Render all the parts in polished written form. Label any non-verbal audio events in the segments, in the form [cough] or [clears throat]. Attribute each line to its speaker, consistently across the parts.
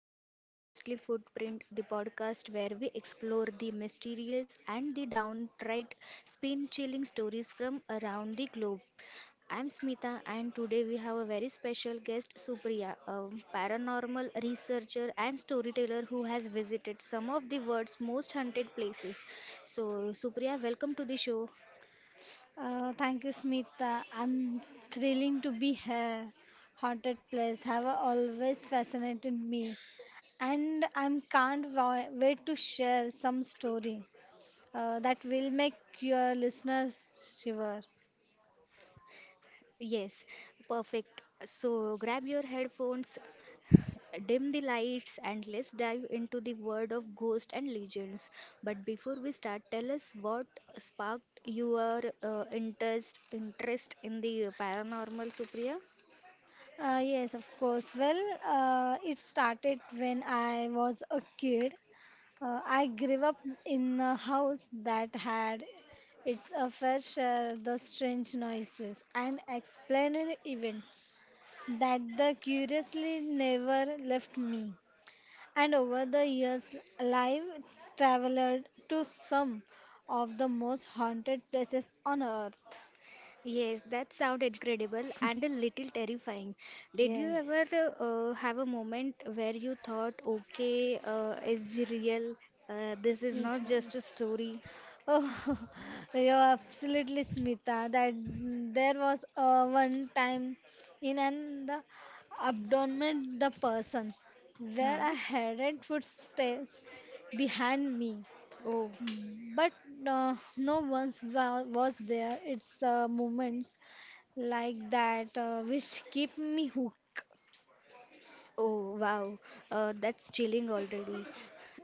Speaker 1: welcome to Ghostly Footprint, the podcast where we explore the mysterious and the downright spin chilling stories from around the globe. I'm Smita, and today we have a very special guest, Supriya, a paranormal researcher and storyteller who has visited some of the world's most haunted places. So, Supriya, welcome to the show.
Speaker 2: Thank you, Smita. I'm thrilling to be here. Haunted place have always fascinated me, and I can't wait to share some story that will make your listeners shiver.
Speaker 1: Yes, perfect. So grab your headphones, dim the lights, and let's dive into the world of ghosts and legends. But before we start, tell us what sparked your interest in the paranormal, Supriya?
Speaker 2: Yes, of course. Well, it started when I was a kid. I grew up in a house that had its a fair share the strange noises and explained events. That the curiously never left me. And over the years, I've traveled to some of the most haunted places on earth.
Speaker 1: Yes, that sounds incredible and a little terrifying. Did you ever
Speaker 2: Yes,
Speaker 1: have a moment where you thought, okay, is the real? This is
Speaker 2: yes,
Speaker 1: not
Speaker 2: ma'am.
Speaker 1: just a story.
Speaker 2: Oh, [laughs] you're absolutely Smita. That there was one time in an the abdomen the person where
Speaker 1: Huh?
Speaker 2: I headed footsteps behind me.
Speaker 1: Oh.
Speaker 2: But no once was there. It's moments like that which keep me hooked.
Speaker 1: Oh, wow. That's chilling already.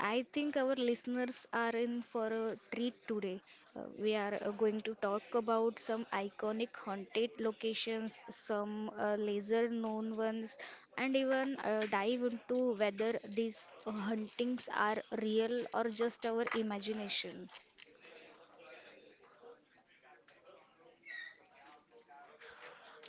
Speaker 1: I think our listeners are in for a treat today. We are going to talk about some iconic haunted locations, some lesser known ones, and even dive into whether these hauntings are real or just our imagination.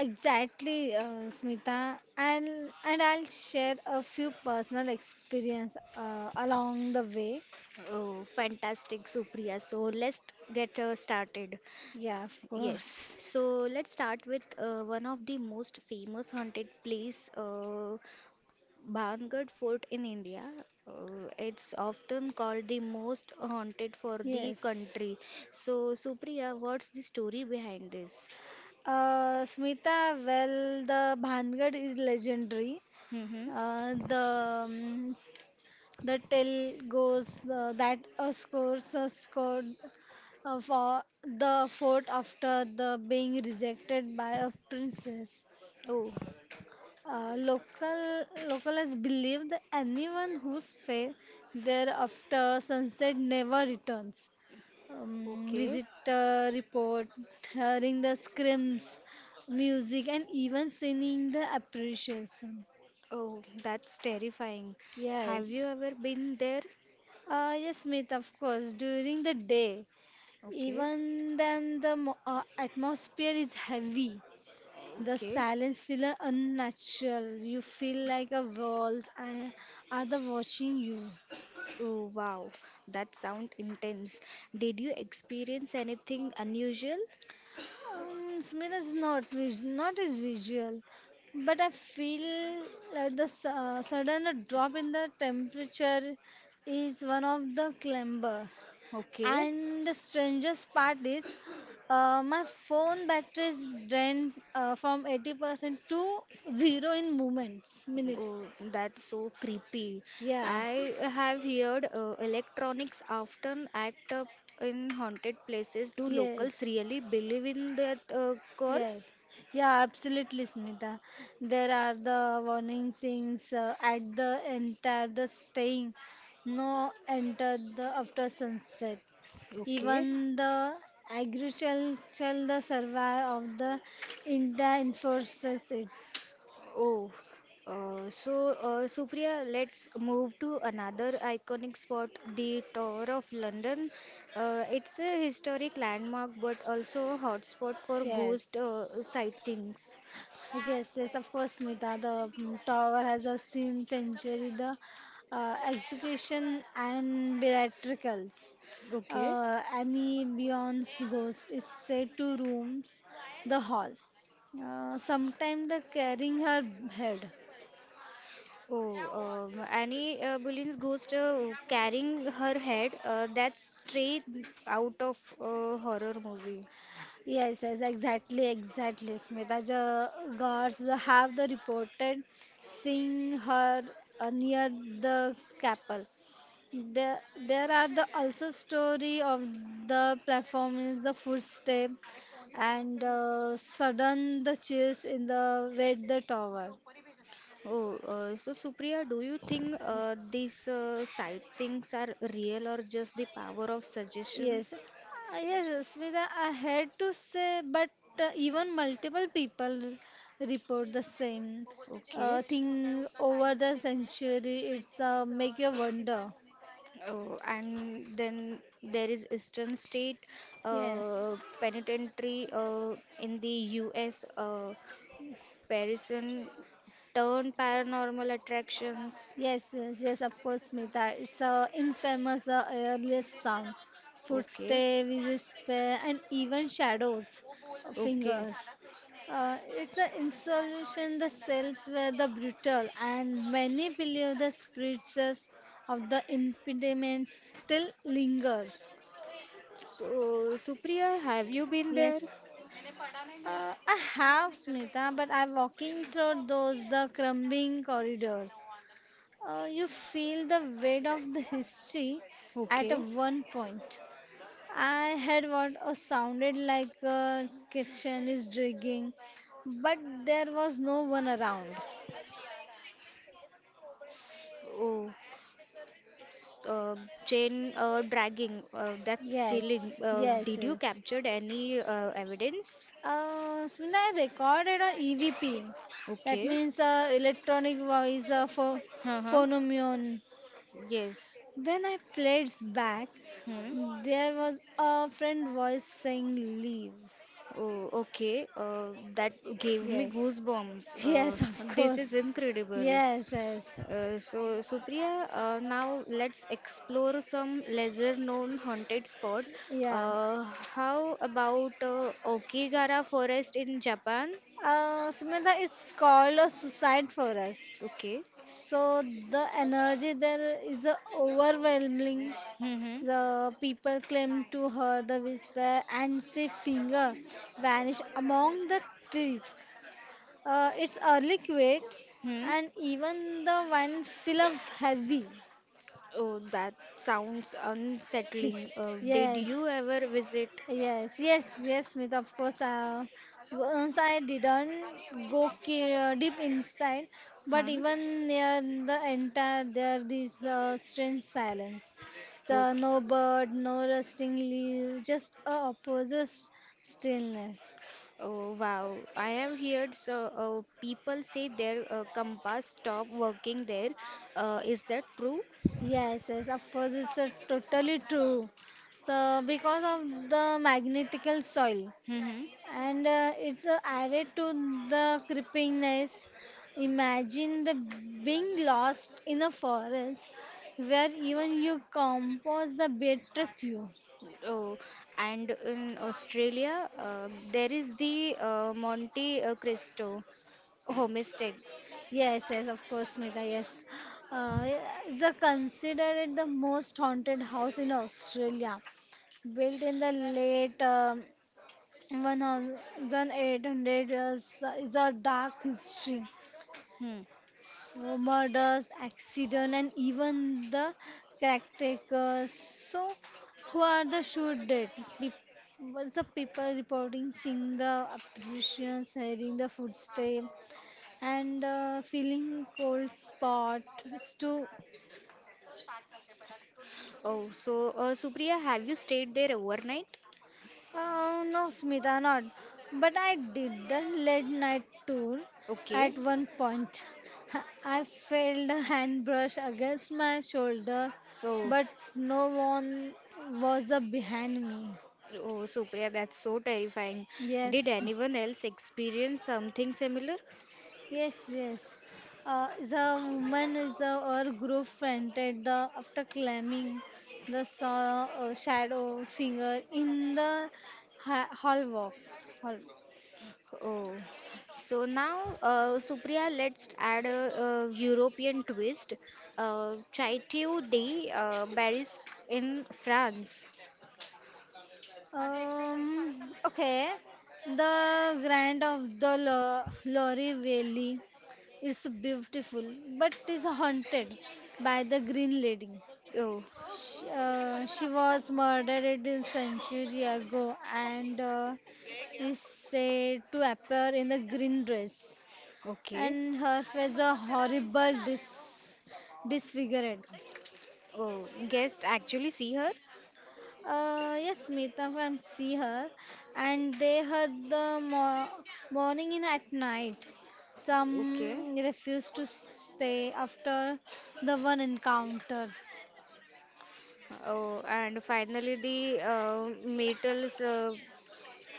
Speaker 2: Exactly, Smita, and I'll share a few personal experience along the way.
Speaker 1: Oh, fantastic, Supriya. So let's get started.
Speaker 2: Yeah, of
Speaker 1: Yes,
Speaker 2: course.
Speaker 1: so let's start with one of the most famous haunted place, Bangad Fort in India. It's often called the most haunted for the
Speaker 2: Yes.
Speaker 1: country. So, Supriya, what's the story behind this?
Speaker 2: Smita, well, the Bhangad is legendary.
Speaker 1: Mm-hmm.
Speaker 2: Uh, the um, the tale goes that a scored for the fort after the being rejected by a princess.
Speaker 1: Oh,
Speaker 2: Uh, local locals believe that anyone who stays there after sunset never returns.
Speaker 1: okay.
Speaker 2: Visitor report hearing the screams, music, and even singing the appreciation.
Speaker 1: Oh, that's terrifying. Have you
Speaker 2: Yes.
Speaker 1: ever been there?
Speaker 2: Yes, Smith, of course. During the day,
Speaker 1: Okay,
Speaker 2: even then the atmosphere is heavy. The
Speaker 1: okay.
Speaker 2: silence feel unnatural. You feel like a world and other watching you.
Speaker 1: Oh, wow, that sound intense. Did you experience anything unusual?
Speaker 2: Smith is not as visual, but I feel like the sudden drop in the temperature is one of the clamber.
Speaker 1: Okay,
Speaker 2: And the strangest part is, my phone battery is drained from 80% to zero in minutes.
Speaker 1: oh, that's so creepy.
Speaker 2: Yeah.
Speaker 1: I have heard electronics often act up in haunted places. Do locals
Speaker 2: Yes.
Speaker 1: really believe in that
Speaker 2: Yes.
Speaker 1: curse?
Speaker 2: Yeah, absolutely, Smita. There are the warning signs at the entire the staying. No enter the after sunset.
Speaker 1: Okay.
Speaker 2: Even the agricultural the survival of the India enforces it.
Speaker 1: Oh, so Supriya, let's move to another iconic spot, the Tower of London. It's a historic landmark, but also a hotspot for
Speaker 2: Yes.
Speaker 1: ghost sightings.
Speaker 2: Yes, yes, of course, Smita. The tower has a seen century the execution and miracles.
Speaker 1: Okay.
Speaker 2: Annie Beyond's ghost is said to roams the hall. Sometimes the carrying her head.
Speaker 1: Oh, Annie Boleyn's ghost carrying her head. That's straight out of a horror movie.
Speaker 2: Yes, yes, exactly, exactly, Smita ja, guards have the reported seeing her near the scalpel. There, there are the also story of the platform is the footstep and sudden the chills in the wet the tower.
Speaker 1: Oh, so Supriya, do you think these sight things are real or just the power of suggestion?
Speaker 2: Yes. Yes, Smita, I had to say, but even multiple people report the same
Speaker 1: Okay.
Speaker 2: thing over the century. It's make you wonder.
Speaker 1: Oh, and then there is Eastern State
Speaker 2: Yes.
Speaker 1: Penitentiary in the U.S. Parisian turned paranormal attractions.
Speaker 2: Yes, yes, yes, of course, Smita. It's a infamous earliest song.
Speaker 1: Okay.
Speaker 2: Footstep, whisper, and even shadows,
Speaker 1: Okay.
Speaker 2: fingers. It's an installation the cells were the brutal, and many believe the spirits of the impediments still linger.
Speaker 1: So, Supriya, have you been there?
Speaker 2: Yes. I have Smita, but I'm walking through those the crumbling corridors. You feel the weight of the history at a
Speaker 1: Okay.
Speaker 2: one point. I had what sounded like a kitchen is digging, but there was no one around.
Speaker 1: Oh, uh, chain dragging. That's
Speaker 2: Yes,
Speaker 1: chilling.
Speaker 2: yes,
Speaker 1: Did you
Speaker 2: yes.
Speaker 1: captured any evidence?
Speaker 2: Smina, I recorded a EVP. That
Speaker 1: Okay.
Speaker 2: means electronic voice for
Speaker 1: Uh-huh.
Speaker 2: phonomion.
Speaker 1: Yes.
Speaker 2: When I played back,
Speaker 1: Hmm.
Speaker 2: there was a friend voice saying leave.
Speaker 1: Oh, okay. That gave me
Speaker 2: Yes.
Speaker 1: goosebumps.
Speaker 2: Yes, of
Speaker 1: This is
Speaker 2: course.
Speaker 1: incredible.
Speaker 2: Yes, yes.
Speaker 1: So, Supriya, now let's explore some lesser known haunted spot.
Speaker 2: Yeah.
Speaker 1: How about Okigara Forest in Japan?
Speaker 2: Sumedha, it's called a suicide forest.
Speaker 1: Okay.
Speaker 2: So the energy there is overwhelming.
Speaker 1: Mm-hmm.
Speaker 2: The people cling to her, the whisper and say finger vanish among the trees. It's early quit
Speaker 1: Hmm.
Speaker 2: and even the wine feel of heavy.
Speaker 1: Oh, that sounds unsettling.
Speaker 2: [laughs]
Speaker 1: Did
Speaker 2: Yes,
Speaker 1: you ever visit?
Speaker 2: yes, yes, yes, Smith. Of course, once I didn't go deep inside, but
Speaker 1: Huh?
Speaker 2: even near the entire there is the strange silence. So no
Speaker 1: Okay.
Speaker 2: bird, no rusting leaf, just a opposite stillness.
Speaker 1: Oh, wow. I have heard so, people say their compass stopped working there. Is that true?
Speaker 2: Yes, yes, of course, it's totally true. So because of the magnetical soil.
Speaker 1: Mm-hmm.
Speaker 2: And it's added to the creepiness. Imagine the being lost in a forest where even you compose the bed trick you.
Speaker 1: Oh, and in Australia, there is the Monte Cristo homestead.
Speaker 2: Yes, yes, of course, Smita, yes. Uh, it's considered the most haunted house in Australia, built in the late 1800s. Is a dark history,
Speaker 1: Hmm.
Speaker 2: murders, accident, and even the caretakers. So, who are the should dead? Pe- Was the people reporting, seeing the apparitions, hearing the footsteps, and feeling cold spots too?
Speaker 1: Oh, so Supriya, have you stayed there overnight?
Speaker 2: No, Smita, not. But I did a late night tour
Speaker 1: Okay.
Speaker 2: at one point. [laughs] I felt a hand brush against my shoulder,
Speaker 1: Oh,
Speaker 2: but no one was behind me.
Speaker 1: oh, Supriya, that's so terrifying.
Speaker 2: Yes,
Speaker 1: Did anyone else experience something similar?
Speaker 2: yes, yes. The woman is our group friend at the after climbing the saw shadow finger in the hall walk. Hall.
Speaker 1: Oh, so now, Supriya, let's add a, European twist. Chateau de Barrique in France.
Speaker 2: Okay, the grand of the Lorry Valley. It's beautiful, but is haunted by the Green Lady.
Speaker 1: Oh,
Speaker 2: She was murdered a century ago and is said to appear in a green dress,
Speaker 1: okay.
Speaker 2: and her face a horrible disfigured.
Speaker 1: Oh, guest actually see her?
Speaker 2: Yes, Meeta can see her, and they heard the mo morning in at night.
Speaker 1: Okay.
Speaker 2: Some refused to stay after the one encounter.
Speaker 1: Oh, and finally the metals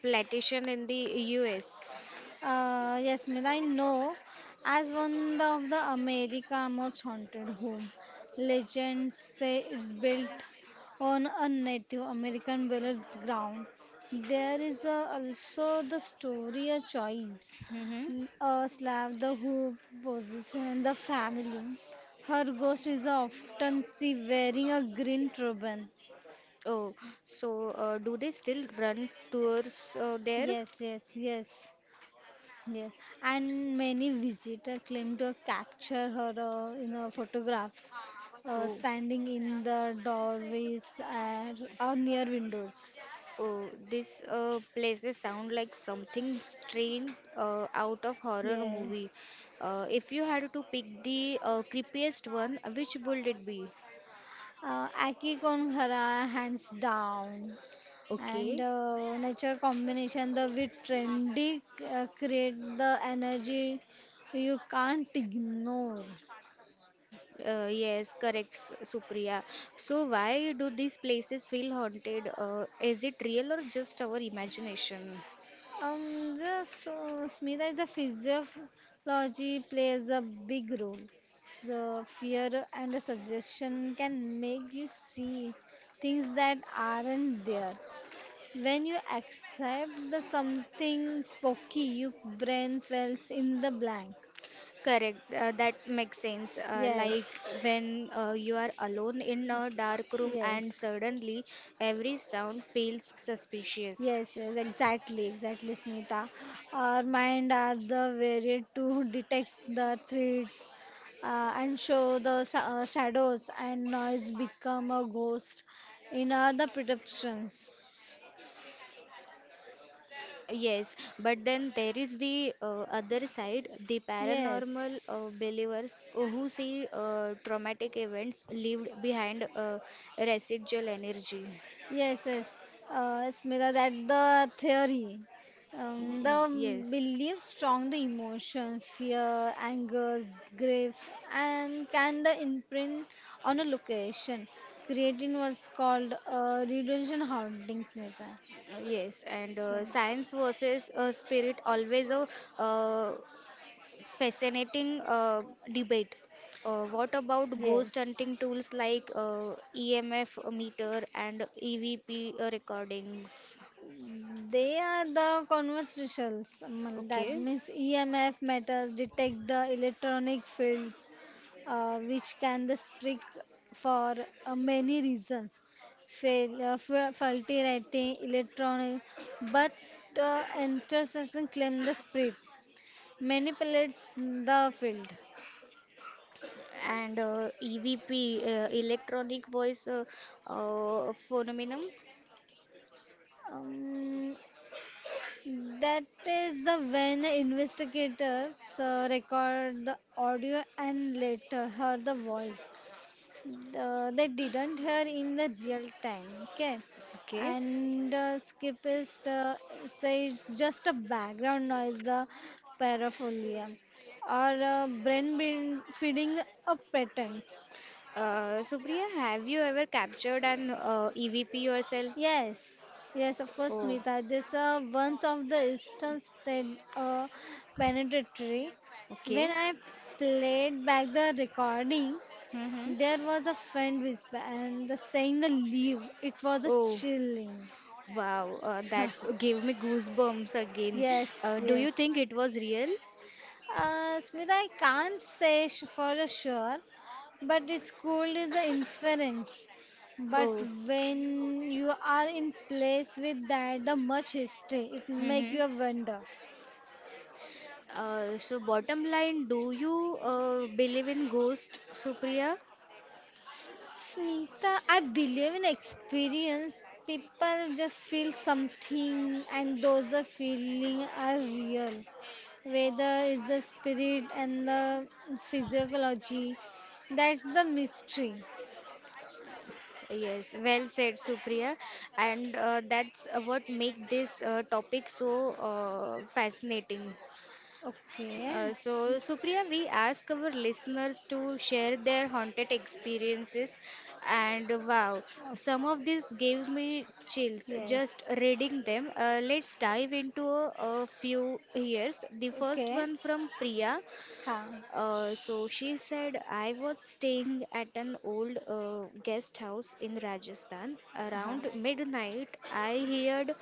Speaker 1: plantation in the US.
Speaker 2: Yes, Mira, I know as one of the America most haunted home. Legends say it's built on a Native American burials ground. There is also the story a choice.
Speaker 1: Mm-hmm.
Speaker 2: A slab, the who position the family. Her ghost is often seen wearing a green turban.
Speaker 1: Oh, so do they still run tours there?
Speaker 2: Yes, yes, yes. Yes, and many visitors claim to capture her in her photographs
Speaker 1: Oh,
Speaker 2: standing in the doorways or near windows.
Speaker 1: oh, this places sound like something strange out of horror
Speaker 2: Yeah,
Speaker 1: movie. If you had to pick the creepiest one, which would it be?
Speaker 2: Aki Konghara hands down, and
Speaker 1: Okay.
Speaker 2: nature combination the with trendy create the energy you can't ignore.
Speaker 1: Yes, correct, S- Supriya. So, why do these places feel haunted? Is it real or just our imagination?
Speaker 2: Just Smita is the physiology plays a big role. The fear and the suggestion can make you see things that aren't there. When you accept the something spooky, your brain fills in the blank.
Speaker 1: Correct, that makes sense. Like
Speaker 2: Yes,
Speaker 1: when you are alone in a dark room and
Speaker 2: yes.
Speaker 1: suddenly every sound feels suspicious.
Speaker 2: Yes, yes, exactly, exactly, Smita. Our mind are the varied to detect the threats and show the shadows and noise become a ghost in our the perceptions.
Speaker 1: Yes, but then there is the other side, the paranormal
Speaker 2: Yes.
Speaker 1: believers who see traumatic events leaved behind residual energy.
Speaker 2: Yes, yes. Smita, that the theory. The
Speaker 1: Mm, yes,
Speaker 2: belief strong the emotion, fear, anger, grief, and can the imprint on a location, creating what's called retention haunting, Smita.
Speaker 1: yes, and
Speaker 2: So,
Speaker 1: science versus spirit always a uh, fascinating debate. What about ghost
Speaker 2: yes.
Speaker 1: hunting tools like EMF meter and EVP recordings?
Speaker 2: They are the conversations. That
Speaker 1: Okay,
Speaker 2: means EMF metals detect the electronic fields, which can the spread for many reasons. Faulty writing, electronic, but intersection claim the spread manipulates the field.
Speaker 1: and EVP electronic voice phenomenon.
Speaker 2: Um, that is the when investigators record the audio and later heard the voice. They didn't hear in the real time, okay,
Speaker 1: Okay,
Speaker 2: and skip is say just a background noise the paraphilia or brain feeding a patterns.
Speaker 1: Supriya, have you ever captured an EVP yourself?
Speaker 2: Yes, yes, of course,
Speaker 1: Oh,
Speaker 2: Smita, this once of the instance that uh, penetratory, when
Speaker 1: okay.
Speaker 2: I played back the recording.
Speaker 1: Mm-hmm.
Speaker 2: There was a faint whisper, and the saying the leave, it was a
Speaker 1: Oh,
Speaker 2: chilling.
Speaker 1: wow, that
Speaker 2: [laughs]
Speaker 1: gave me goosebumps again.
Speaker 2: Yes,
Speaker 1: Do you
Speaker 2: yes.
Speaker 1: think it was real?
Speaker 2: Smita, I can't say for a sure, but it's cold is the inference. But
Speaker 1: Oh,
Speaker 2: when you are in place with that, the much history, it make
Speaker 1: hmm,
Speaker 2: you a wonder.
Speaker 1: so bottom line, do you believe in ghost, Supriya?
Speaker 2: Smita, I believe in experience. People just feel something, and those the feeling are real. Whether it's the spirit and the physiology, that's the mystery.
Speaker 1: Yes, well said, Supriya. And that's what make this topic so fascinating.
Speaker 2: Okay.
Speaker 1: So, Supriya, we ask our listeners to share their haunted experiences, and wow,
Speaker 2: Okay.
Speaker 1: some of these gave me chills just
Speaker 2: Yes.
Speaker 1: reading them. Let's dive into a few here. The first
Speaker 2: Okay.
Speaker 1: one from Priya.
Speaker 2: Huh.
Speaker 1: So she said, I was staying at an old guest house in Rajasthan.
Speaker 2: Huh.
Speaker 1: Around midnight, I heard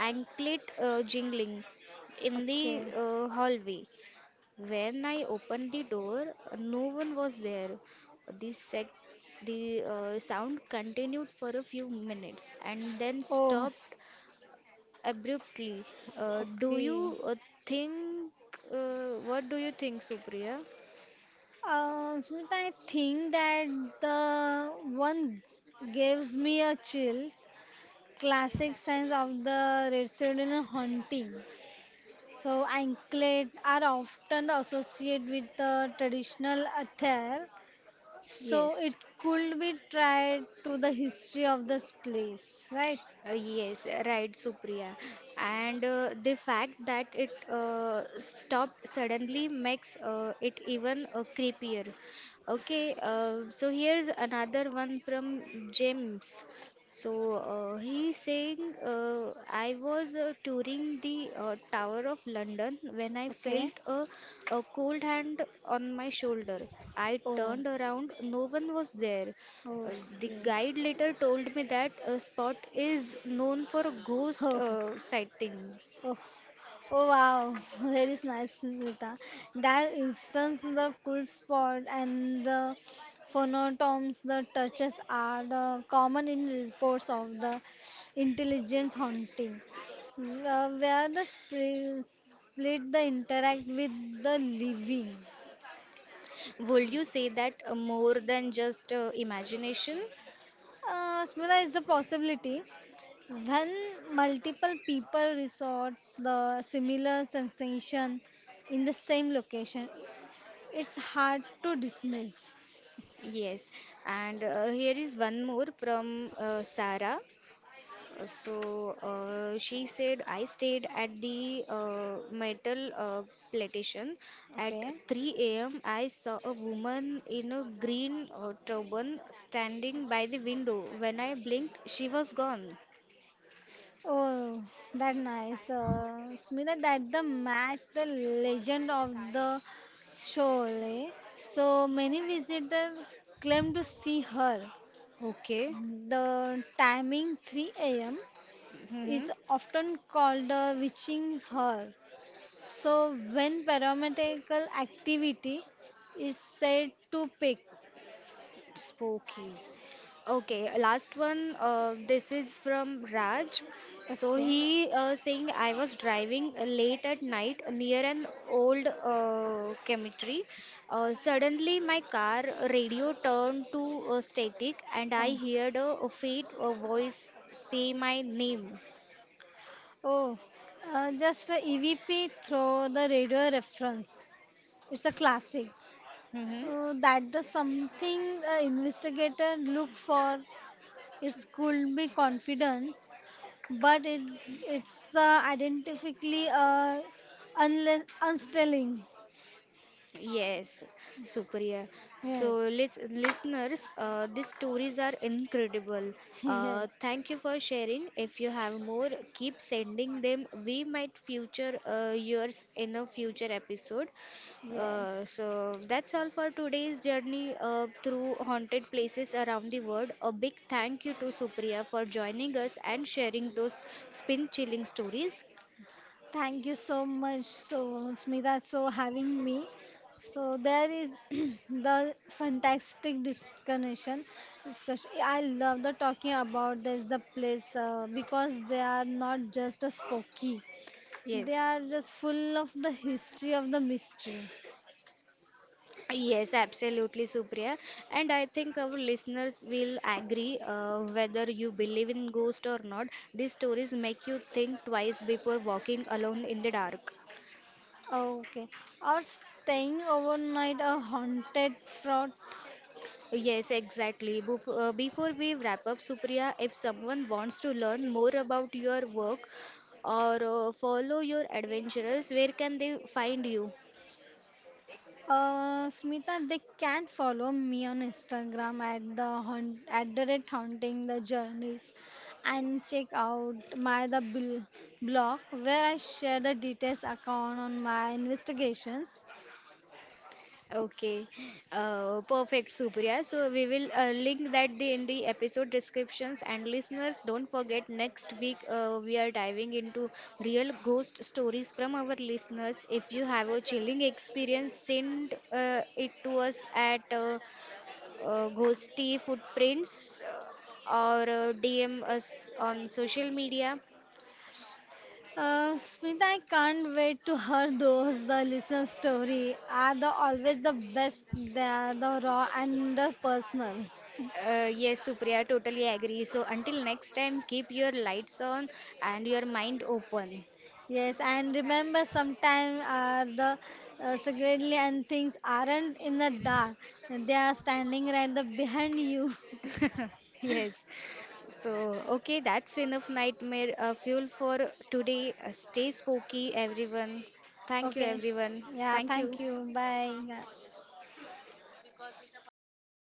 Speaker 1: anklet jingling in
Speaker 2: Okay.
Speaker 1: the hallway. When I opened the door, no one was there. The sec the sound continued for a few minutes and then
Speaker 2: Oh.
Speaker 1: stopped abruptly. Do
Speaker 2: Okay.
Speaker 1: you think What do you think, Supriya?
Speaker 2: Smita, I think that the one gives me a chills. Classic signs of the residential haunting. So anklet are often associated with the traditional attire. So it
Speaker 1: Yes,
Speaker 2: could be tied to the history of this place, right?
Speaker 1: yes, right, Supriya. And the fact that it stopped suddenly makes it even creepier. Okay, so here's another one from James. So he's saying, I was touring the Tower of London when I
Speaker 2: Okay.
Speaker 1: felt a cold hand on my shoulder. I
Speaker 2: Oh,
Speaker 1: turned around, no one was there. Uh, the
Speaker 2: okay.
Speaker 1: guide later told me that a spot is known for
Speaker 2: [laughs]
Speaker 1: ghost
Speaker 2: Oh,
Speaker 1: sightings.
Speaker 2: oh, oh wow, [laughs] very nice, Smita. That instance, the cool spot and the phonotomes, the touches are the common in reports of the intelligence haunting, where the split the interact with the living.
Speaker 1: Would you say that more than just imagination?
Speaker 2: Smita is a possibility. When multiple people resorts the similar sensation in the same location, it's hard to dismiss.
Speaker 1: Yes, and here is one more from Sarah. Uh, So she said, I stayed at the metal plantation. At
Speaker 2: Okay.
Speaker 1: 3 a.m., I saw a woman in a green turban standing by the window. When I blinked, she was gone.
Speaker 2: Oh, that nice. Smita, that the match, the legend of the Sholay. So many visitors claim to see her.
Speaker 1: Okay.
Speaker 2: The timing 3 a.m.
Speaker 1: Hmm.
Speaker 2: is often called the witching hour. So when parametrical activity is said to peak.
Speaker 1: Spooky. Okay, last one. This is from Raj. So
Speaker 2: Okay.
Speaker 1: he saying I was driving late at night near an old cemetery. Suddenly my car radio turned to static and I
Speaker 2: Oh.
Speaker 1: heard a faint voice say my name.
Speaker 2: Oh, just a EVP through the radio reference. It's a classic.
Speaker 1: Hmm.
Speaker 2: So that the something investigator look for it could be confidence, but it's identifically unless unstelling.
Speaker 1: Yes, Supriya. So,
Speaker 2: Yes,
Speaker 1: listeners, these stories are incredible.
Speaker 2: [laughs] yes,
Speaker 1: Thank you for sharing. If you have more, keep sending them. We might feature yours in a future episode.
Speaker 2: yes.
Speaker 1: So, that's all for today's journey through haunted places around the world. A big thank you to Supriya for joining us and sharing those spin-chilling stories.
Speaker 2: Thank you so much, so Smita, so having me. So there is [clears throat] the fantastic discussion. Discussion. I love the talking about this the place because they are not just a spooky. They
Speaker 1: Yes.
Speaker 2: are just full of the history of the mystery.
Speaker 1: Yes, absolutely, Supriya. And I think our listeners will agree, whether you believe in ghost or not, these stories make you think twice before walking alone in the dark.
Speaker 2: Okay. Or staying overnight a haunted fort.
Speaker 1: Yes, exactly. Before we wrap up, Supriya, if someone wants to learn more about your work or follow your adventures, where can they find you?
Speaker 2: Smita, they can follow me on Instagram at the haunt, at the rate haunting the journeys, and check out my the blog where I share the details account on my investigations.
Speaker 1: Okay, perfect, Supriya. So we will link that the, in the episode descriptions. And listeners, don't forget, next week we are diving into real ghost stories from our listeners. If you have a chilling experience, send it to us at Ghosty Footprints or DM us on social media.
Speaker 2: Smita, I can't wait to hear those. The listener story are the always the best. They are the raw and the personal.
Speaker 1: Yes, Supriya, totally agree. So until next time, keep your lights on and your mind open.
Speaker 2: Yes, and remember sometimes are the secretly and things aren't in the dark. They are standing right the behind you.
Speaker 1: [laughs] Yes. So, okay, that's enough nightmare fuel for today. Stay spooky, everyone.
Speaker 2: [laughs]
Speaker 1: Thank you,
Speaker 2: Okay.
Speaker 1: everyone.
Speaker 2: Yeah,
Speaker 1: Thank you.
Speaker 2: thank you. Bye. Yeah.